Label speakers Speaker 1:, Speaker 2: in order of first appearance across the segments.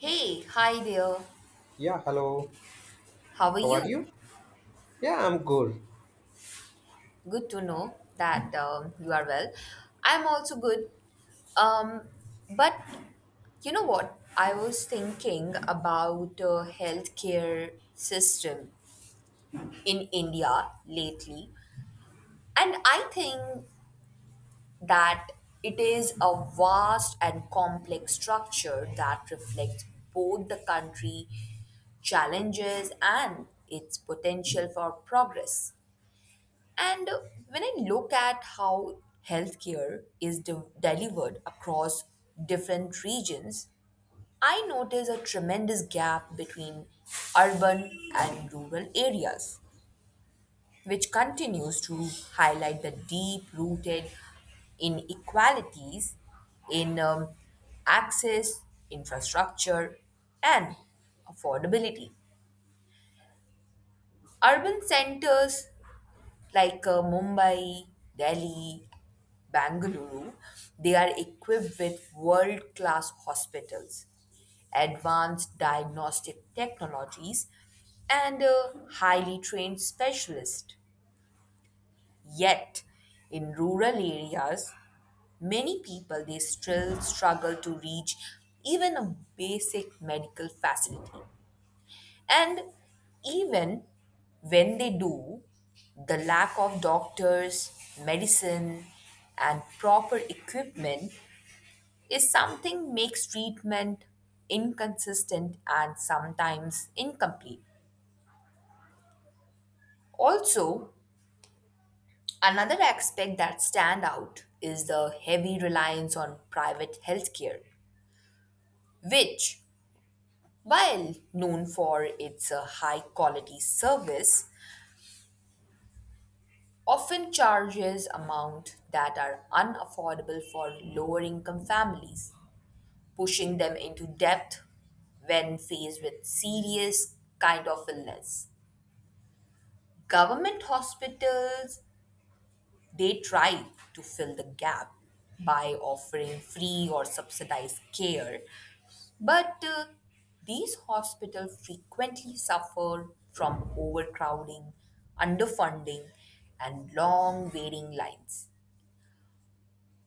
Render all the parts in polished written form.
Speaker 1: Hey, hi there.
Speaker 2: Yeah, hello.
Speaker 1: How are
Speaker 2: How are
Speaker 1: you?
Speaker 2: you? Yeah, I'm good.
Speaker 1: Good to know that you are well. I'm also good. Um, but you know what? I was thinking about healthcare system in India lately, and I think that it is a vast and complex structure that reflects both the country challenges and its potential for progress. And when I look at how healthcare is delivered across different regions, I notice a tremendous gap between urban and rural areas, which continues to highlight the deep rooted inequalities in access, infrastructure, and affordability. Urban centers like Mumbai, Delhi, Bangalore, they are equipped with world class hospitals, advanced diagnostic technologies, and highly trained specialists. Yet, in rural areas, many people they still struggle to reach even a basic medical facility. And even when they do, the lack of doctors, medicine, and proper equipment is something makes treatment inconsistent and sometimes incomplete. Also, another aspect that stand out is the heavy reliance on private healthcare, which, while known for its high quality service, often charges amounts that are unaffordable for lower income families, pushing them into debt when faced with serious kind of illness. Government hospitals they try to fill the gap by offering free or subsidized care, but these hospitals frequently suffer from overcrowding, underfunding, and long waiting lines.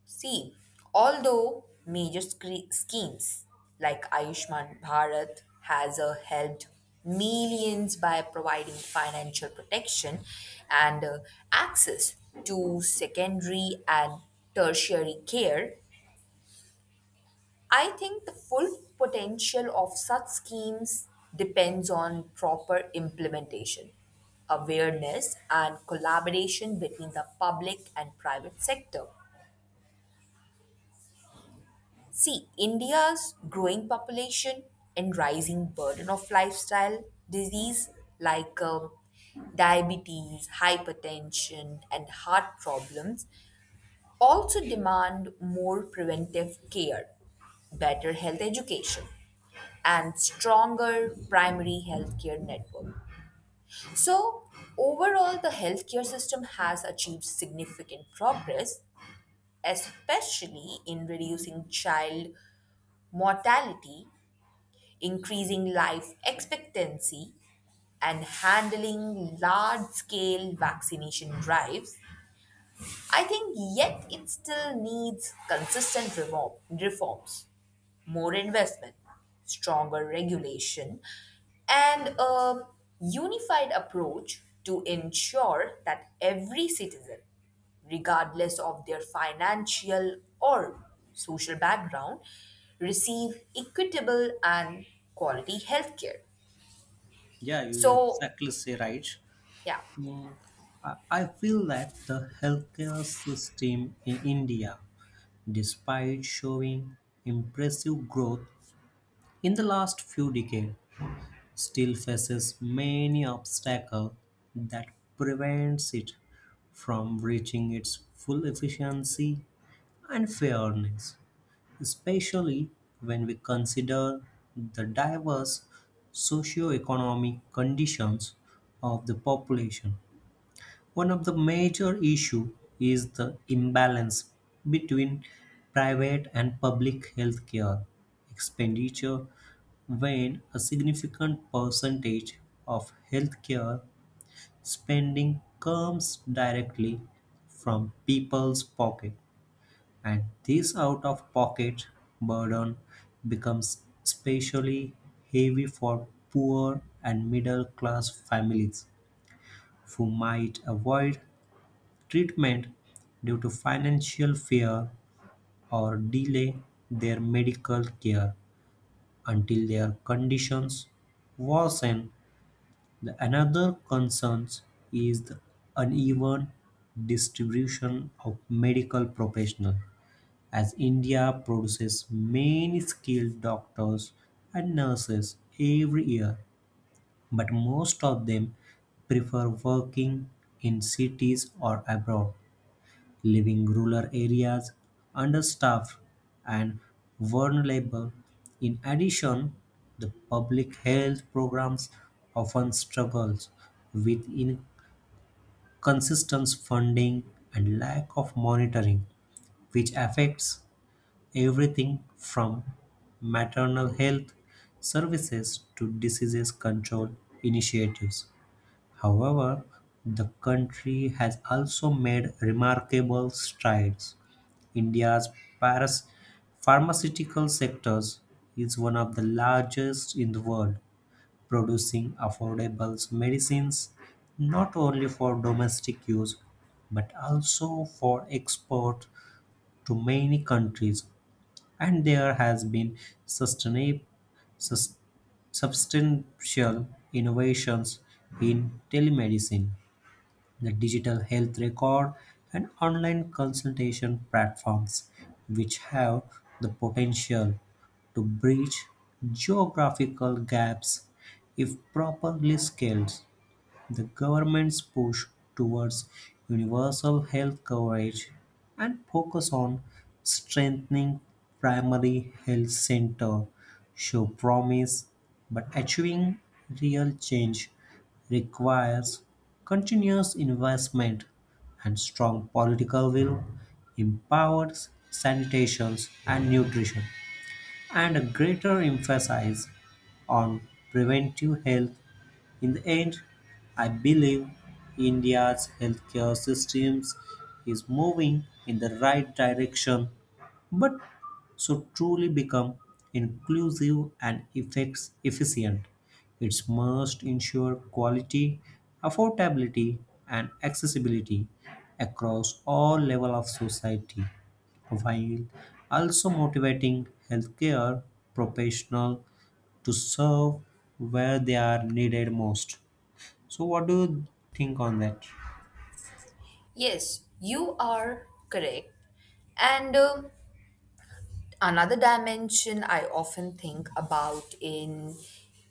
Speaker 1: See, although major schemes like Ayushman Bharat has helped millions by providing financial protection and access to secondary and tertiary care, I think the full potential of such schemes depends on proper implementation, awareness, and collaboration between the public and private sector. See, India's growing population and rising burden of lifestyle disease like diabetes, hypertension, and heart problems also demand more preventive care, better health education, and stronger primary healthcare network. So, overall, the healthcare system has achieved significant progress, especially in reducing child mortality, increasing life expectancy, and handling large scale vaccination drives. I think yet it still needs consistent reforms, more investment, stronger regulation, and a unified approach to ensure that every citizen, regardless of their financial or social background, receive equitable and quality health care.
Speaker 2: Yeah, you
Speaker 1: So,
Speaker 2: exactly say right.
Speaker 1: yeah,
Speaker 2: Hmm. I feel that the healthcare system in India, despite showing impressive growth in the last few decades, still faces many obstacles that prevents it from reaching its full efficiency and fairness, especially when we consider the diverse socioeconomic conditions of the population. One of the major issues is the imbalance between private and public healthcare expenditure, when a significant percentage of healthcare spending comes directly from people's pocket. And this out of pocket burden becomes especially heavy for poor and middle class families who might avoid treatment due to financial fear or delay their medical care until their conditions worsen. The another concern is the uneven distribution of medical professionals, as India produces many skilled doctors and nurses every year, but most of them prefer working in cities or abroad, leaving rural areas understaffed and vulnerable. In addition, the public health programs often struggles with inconsistent funding and lack of monitoring, which affects everything from maternal health services to disease control initiatives. However, the country has also made remarkable strides. India's paras- pharmaceutical sectors is one of the largest in the world, producing affordable medicines not only for domestic use but also for export to many countries, and there has been sustainab- substantial innovations in telemedicine, the digital health record, and online consultation platforms, which have the potential to bridge geographical gaps if properly scaled. The government's push towards universal health coverage and focus on strengthening primary health center show promise, but achieving real change requires continuous investment and strong political will, empowered sanitation and nutrition, and a greater emphasis on preventive health. In the end, I believe India's healthcare systems is moving in the right direction, but should truly become inclusive and effects efficient, it must ensure quality, affordability, and accessibility across all levels of society, while also motivating healthcare professionals to serve where they are needed most. So, what do you think on that?
Speaker 1: yes, you are correct. And another dimension I often think about in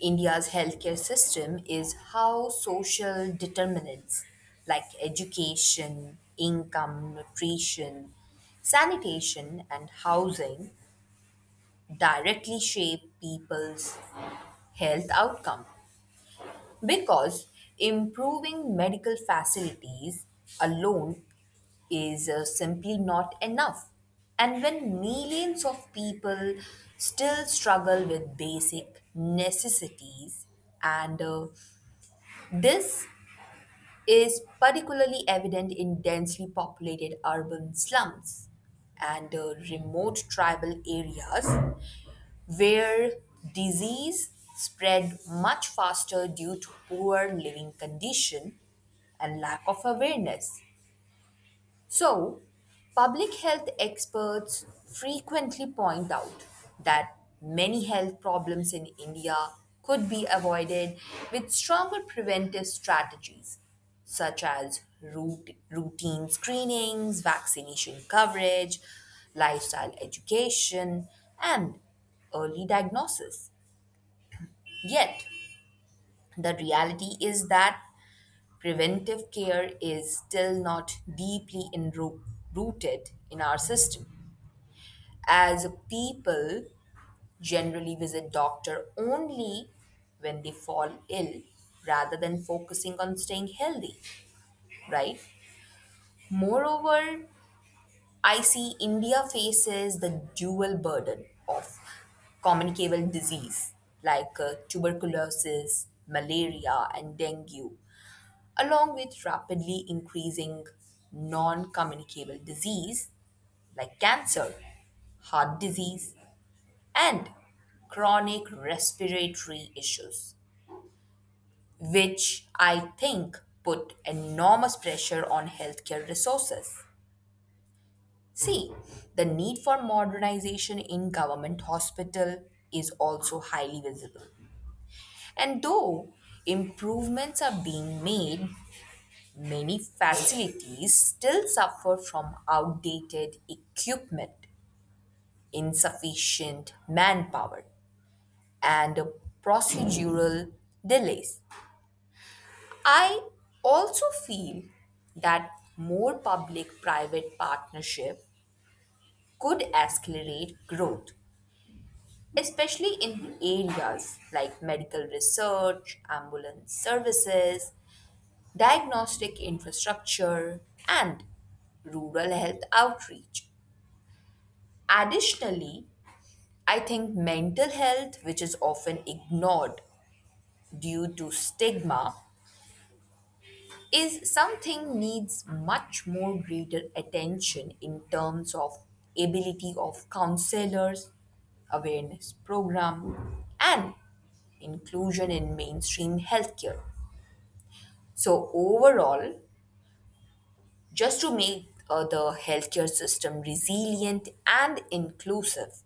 Speaker 1: India's healthcare system is how social determinants like education, income, nutrition, sanitation, and housing directly shape people's health outcome, because improving medical facilities alone is simply not enough. And when millions of people still struggle with basic necessities, and this is particularly evident in densely populated urban slums and remote tribal areas where disease spread much faster due to poor living condition and lack of awareness. So, public health experts frequently point out that many health problems in India could be avoided with stronger preventive strategies, such as routine screenings, vaccination coverage, lifestyle education, and early diagnosis. Yet, the reality is that preventive care is still not deeply rooted in our system, as people generally visit doctor only when they fall ill rather than focusing on staying healthy, right? Moreover, I see India faces the dual burden of communicable disease like tuberculosis, malaria, and dengue along with rapidly increasing non communicable disease like cancer, heart disease, and chronic respiratory issues, which I think put enormous pressure on healthcare resources. See, the need for modernization in government hospital is also highly visible. And though improvements are being made, many facilities still suffer from outdated equipment, insufficient manpower, and procedural delays. I also feel that more public private partnership could accelerate growth, especially in areas like medical research, ambulance services, diagnostic infrastructure, and rural health outreach. Additionally, I think mental health, which is often ignored due to stigma, is something needs much more greater attention in terms of ability of counselors, awareness program, and inclusion in mainstream healthcare. So overall, just to make the healthcare system resilient and inclusive,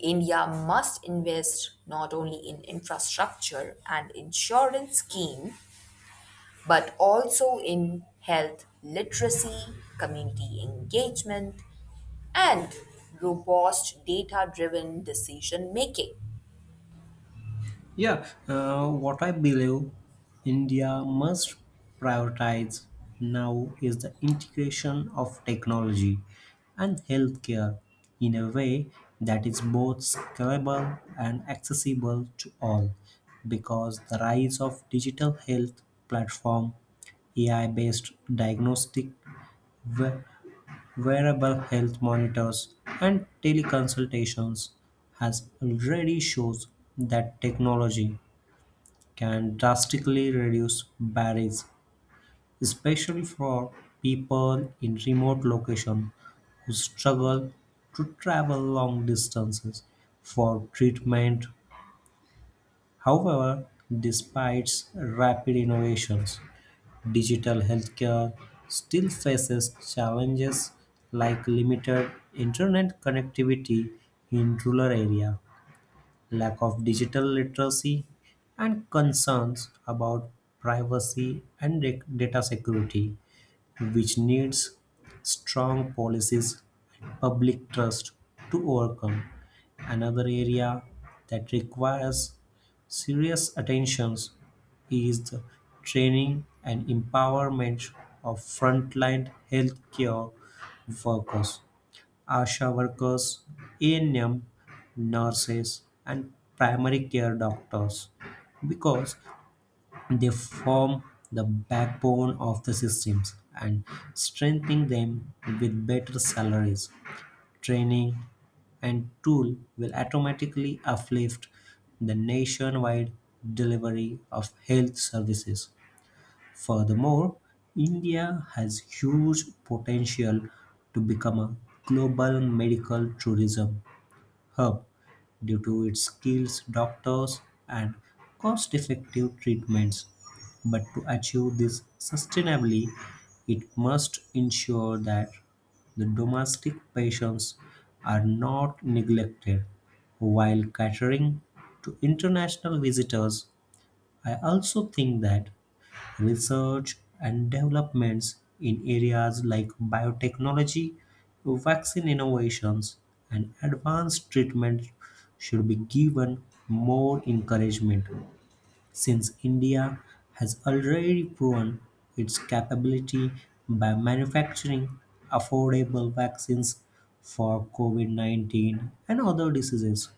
Speaker 1: India must invest not only in infrastructure and insurance scheme but also in health literacy, community engagement, and robust data driven decision making.
Speaker 2: Yeah, what I believe India must prioritize now is the integration of technology and healthcare in a way that is both scalable and accessible to all, because the rise of digital health platform, AI based diagnostic wearable health monitors, and teleconsultations has already shows that technology can drastically reduce barriers, especially for people in remote locations who struggle to travel long distances for treatment. However, despite rapid innovations, digital healthcare still faces challenges like limited internet connectivity in rural areas, lack of digital literacy, and concerns about privacy and data security, which needs strong policies and public trust to overcome. Another area that requires serious attention is the training and empowerment of frontline healthcare workers, ASHA workers, ANM nurses, and primary care doctors, because they form the backbone of the systems, and strengthening them with better salaries, training, and tool will automatically uplift the nationwide delivery of health services. Furthermore, India has huge potential to become a global medical tourism hub due to its skills, doctors, and cost effective treatments. But to achieve this sustainably, it must ensure that the domestic patients are not neglected while catering to international visitors. I also think that research and developments in areas like biotechnology, vaccine innovations, and advanced treatment should be given more encouragement, since India has already proven its capability by manufacturing affordable vaccines for COVID 19 and other diseases.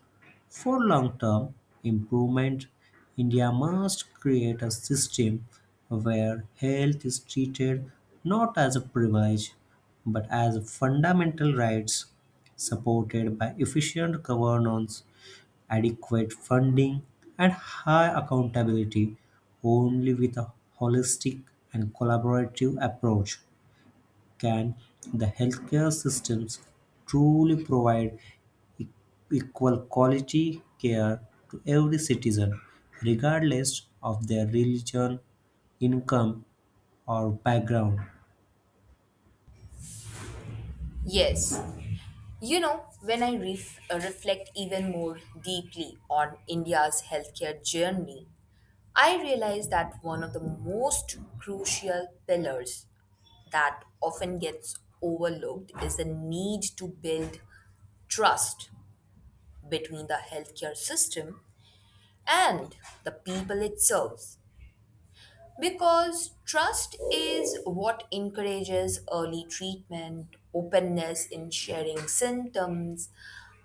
Speaker 2: For long term improvement, India must create a system where health is treated not as a privilege but as a fundamental rights, supported by efficient governance, adequate funding, and high accountability. Only with a holistic and collaborative approach can the healthcare systems truly provide e- equal quality care to every citizen, regardless of their religion, income, or background.
Speaker 1: Yes, you know, when I reflect even more deeply on India's healthcare journey, I realize that one of the most crucial pillars that often gets overlooked is the need to build trust between the healthcare system and the people it serves. Because trust is what encourages early treatment, openness in sharing symptoms,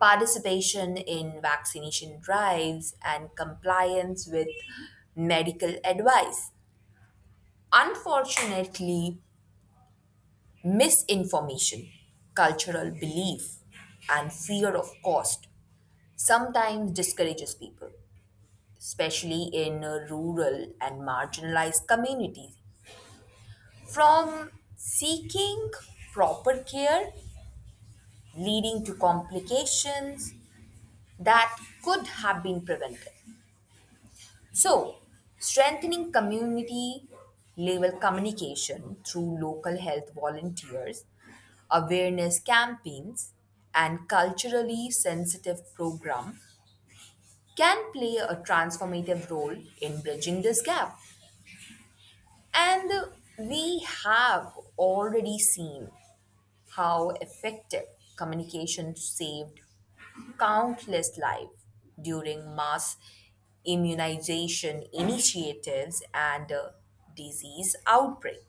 Speaker 1: participation in vaccination drives, and compliance with medical advice. Unfortunately, misinformation, cultural belief, and fear of cost sometimes discourages people, especially in rural and marginalized communities, from seeking proper care, leading to complications that could have been prevented. So, strengthening community level communication through local health volunteers, awareness campaigns, and culturally sensitive program can play a transformative role in bridging this gap. And we have already seen how effective communication saved countless lives during mass immunization initiatives and disease outbreak.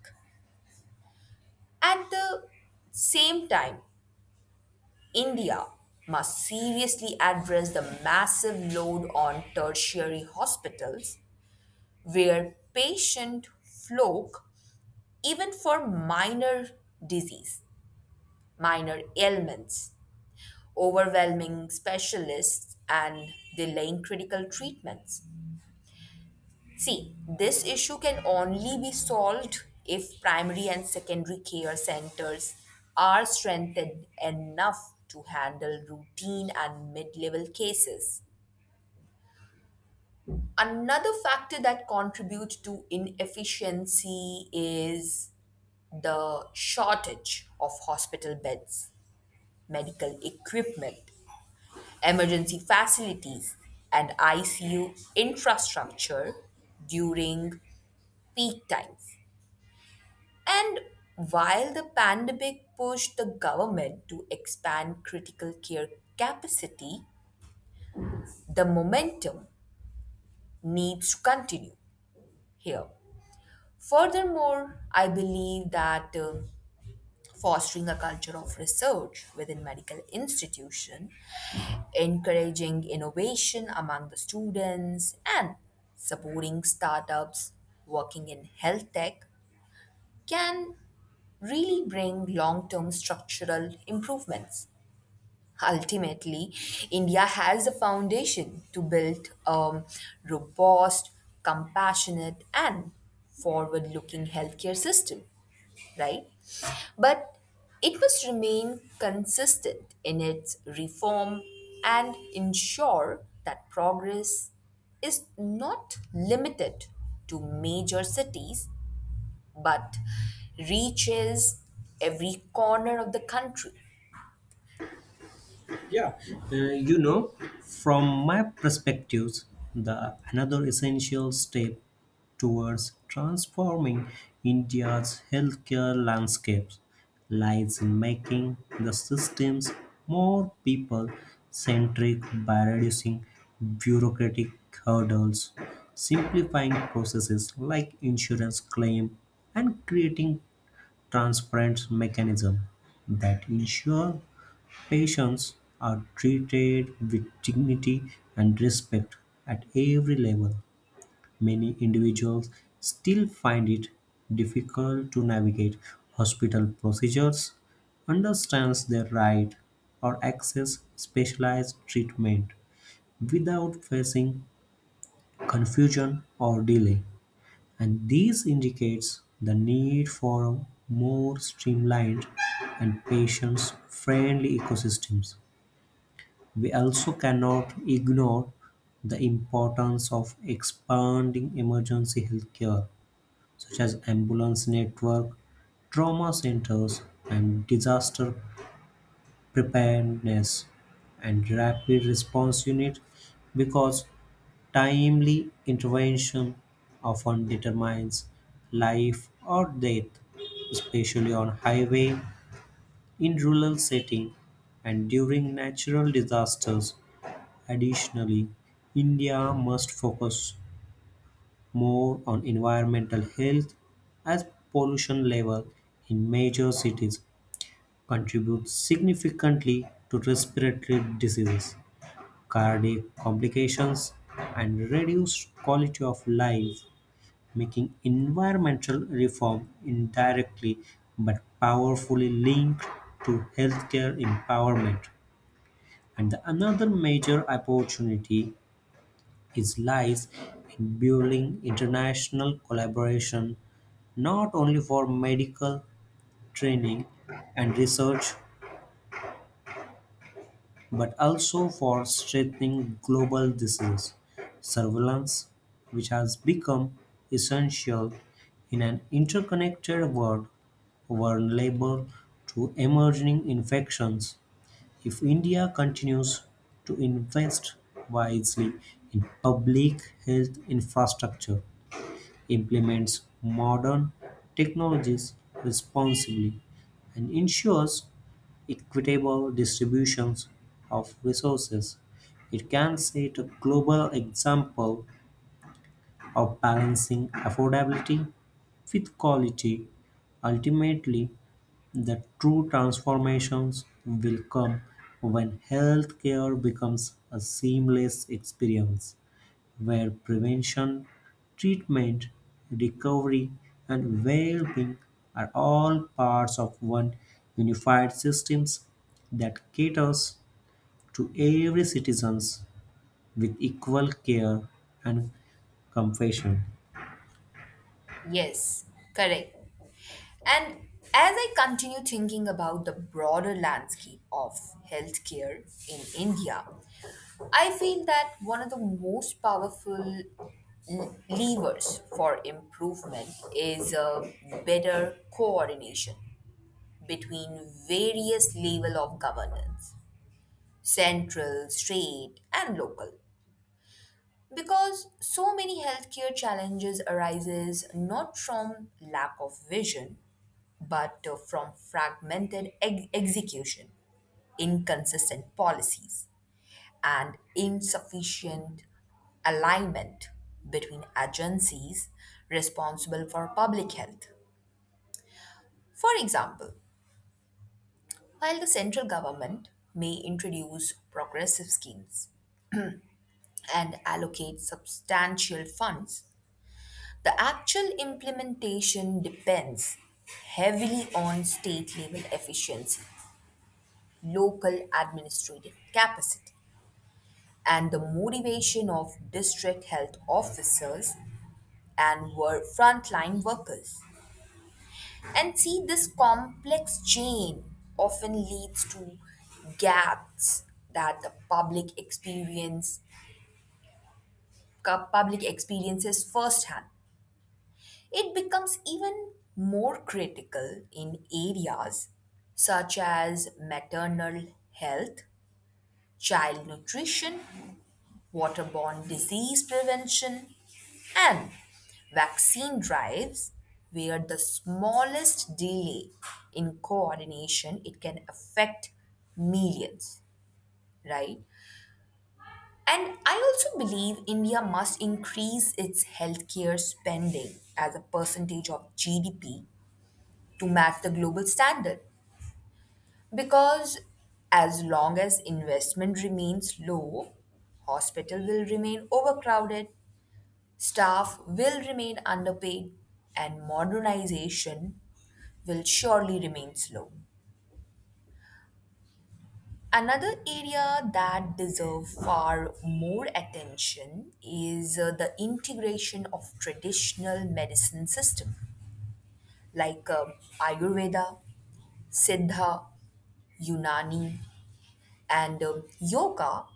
Speaker 1: At the same time, India must seriously address the massive load on tertiary hospitals where patient flock even for disease, minor ailments, overwhelming specialists and delaying critical treatments. See, this issue can only be solved if primary and secondary care centers are strengthened enough to handle routine and mid level cases. Another factor that contributes to inefficiency is the shortage of hospital beds, medical equipment, emergency facilities, and ICU infrastructure during peak times. And while the pandemic pushed the government to expand critical care capacity, the momentum needs to continue here. Furthermore, I believe that fostering a culture of research within medical institution, encouraging innovation among the students, and supporting startups working in health tech can really bring long term structural improvements. Ultimately, India has the foundation to build a robust, compassionate, and forward looking healthcare system, right? But it must remain consistent in its reform and ensure that progress is not limited to major cities but reaches every corner of the country.
Speaker 2: Yeah, uh, you know, from my perspectives, the another essential step towards transforming India's healthcare landscapes lies in making the systems more people centric by reducing bureaucratic hurdles, simplifying processes like insurance claim, and creating transparent mechanism that ensure patients are treated with dignity and respect at every level. Many individuals still find it difficult to navigate hospital procedures, understand their right, or access specialized treatment without facing confusion or delay. And this indicates the need for more streamlined and patient friendly ecosystems. We also cannot ignore the importance of expanding emergency healthcare, such as ambulance network, trauma centers, and disaster preparedness and rapid response unit, because timely intervention often determines life or death, especially on highway, in rural setting, and during natural disasters. Additionally, India must focus more on environmental health, as pollution level in major cities contribute significantly to respiratory diseases, cardiac complications, and reduced quality of life, making environmental reform indirectly but powerfully linked to healthcare empowerment. And another major opportunity is lies in building international collaboration not only for medical training and research but also for strengthening global disease surveillance, which has become essential in an interconnected world vulnerable to emerging infections. If India continues to invest wisely in public health infrastructure, implements modern technologies responsibly, and ensures equitable distributions of resources, it can set a global example of balancing affordability with quality. Ultimately, the true transformations will come when healthcare becomes a seamless experience where prevention, treatment, recovery, and well-being are all parts of one unified systems that caters to every citizen's with equal care and compassion.
Speaker 1: Yes, correct. And as I continue thinking about the broader landscape of healthcare in India, I feel that one of the most powerful levers for improvement is a better coordination between various level of governance, central, state, and local. Because so many healthcare challenges arises not from lack of vision, but from fragmented execution, inconsistent policies, and insufficient alignment between agencies responsible for public health. For example, while the central government may introduce progressive schemes and allocate substantial funds, the actual implementation depends heavily on state level efficiency, local administrative capacity, and the motivation of district health officers and were frontline workers. And see, this complex chain often leads to gaps that the public experience cu- public experiences firsthand. It becomes even more critical in areas such as maternal health, child nutrition, waterborne disease prevention, and vaccine drives where the smallest delay in coordination it can affect millions, right? And I also believe India must increase its healthcare spending as a percentage of GDP to match the global standard, because as long as investment remains low, hospital will remain overcrowded, staff will remain underpaid, and modernization will surely remain slow. Another area that deserves far more attention is the integration of traditional medicine system like Ayurveda, Siddha, Unani, and Yoga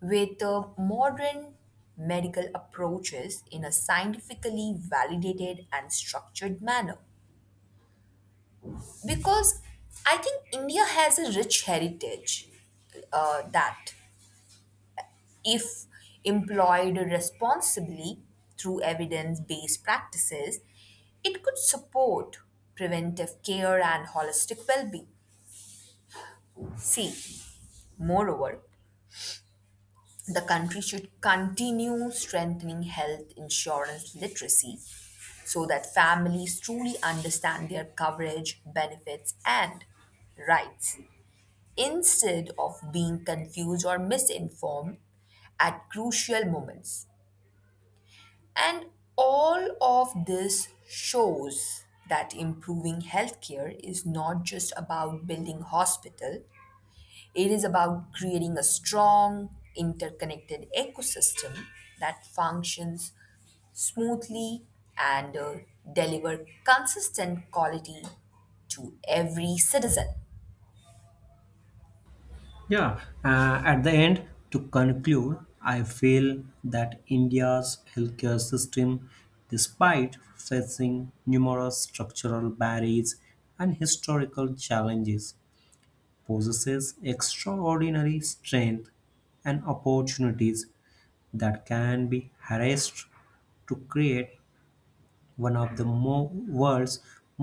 Speaker 1: with modern medical approaches in a scientifically validated and structured manner. Because I think India has a rich heritage that, if employed responsibly through evidence based practices, it could support preventive care and holistic well being. See, moreover, the country should continue strengthening health insurance literacy so that families truly understand their coverage, benefits, and rights, instead of being confused or misinformed at crucial moments. And all of this shows that improving healthcare is not just about building hospital, it is about creating a strong interconnected ecosystem that functions smoothly and deliver consistent quality to every citizen.
Speaker 2: Yeah, at the end, to conclude, I feel that India's healthcare system, despite facing numerous structural barriers and historical challenges, possesses extraordinary strength and opportunities that can be harnessed to create one of the world's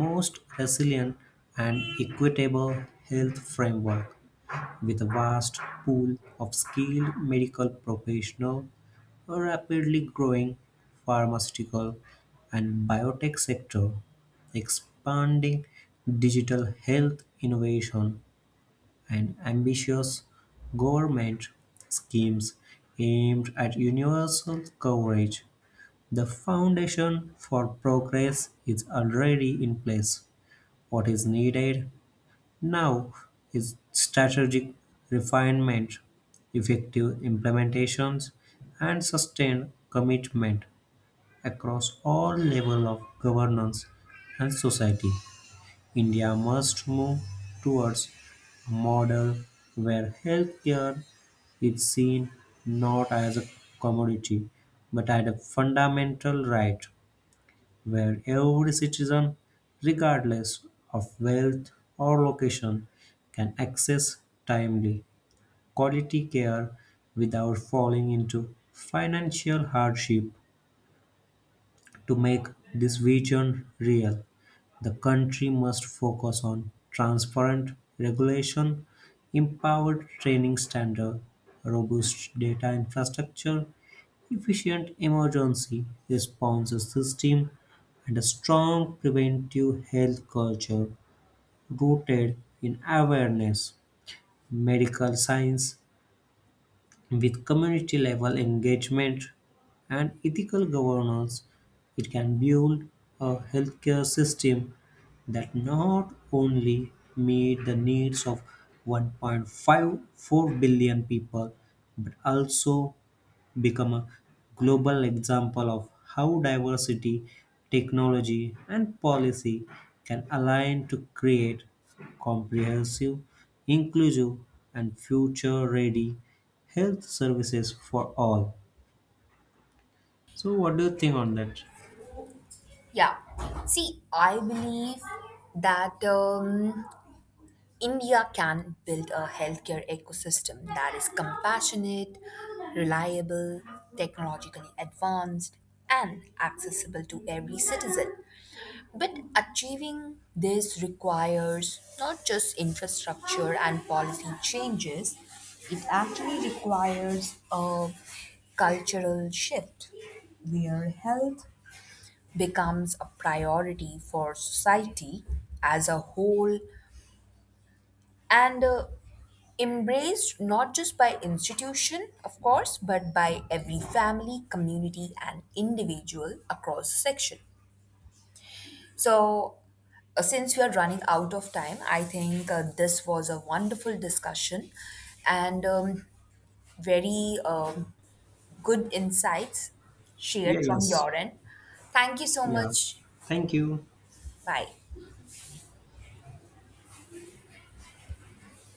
Speaker 2: most resilient and equitable health framework, with a vast pool of skilled medical professionals, a rapidly growing pharmaceutical and biotech sector, expanding digital health innovation, and ambitious government schemes aimed at universal coverage. The foundation for progress is already in place. What is needed now is strategic refinement, effective implementations, and sustained commitment across all levels of governance and society. India must move towards a model where healthcare is seen not as a commodity but as a fundamental right, where every citizen, regardless of wealth or location, can access timely, quality care without falling into financial hardship. To make this vision real, the country must focus on transparent regulation, empowered training standards, robust data infrastructure, efficient emergency response system, and a strong preventive health culture rooted in awareness, medical science, with community level engagement and ethical governance, it can build a healthcare system that not only meet the needs of 1.54 billion people but also become a global example of how diversity, technology, and policy can align to create comprehensive, inclusive, and future ready health services for all. So, what do you think on that?
Speaker 1: Yeah. See, I believe that India can build a healthcare ecosystem that is compassionate, reliable, technologically advanced, and accessible to every citizen. But achieving this requires not just infrastructure and policy changes, it actually requires a cultural shift where health becomes a priority for society as a whole and embraced not just by institution of course but by every family community and individual across section. So, since we are running out of time, I think this was a wonderful discussion, and very good insights shared
Speaker 2: Yeah,
Speaker 1: from
Speaker 2: yes.
Speaker 1: your end. Thank you so
Speaker 2: Yeah.
Speaker 1: much.
Speaker 2: Thank you.
Speaker 1: Bye.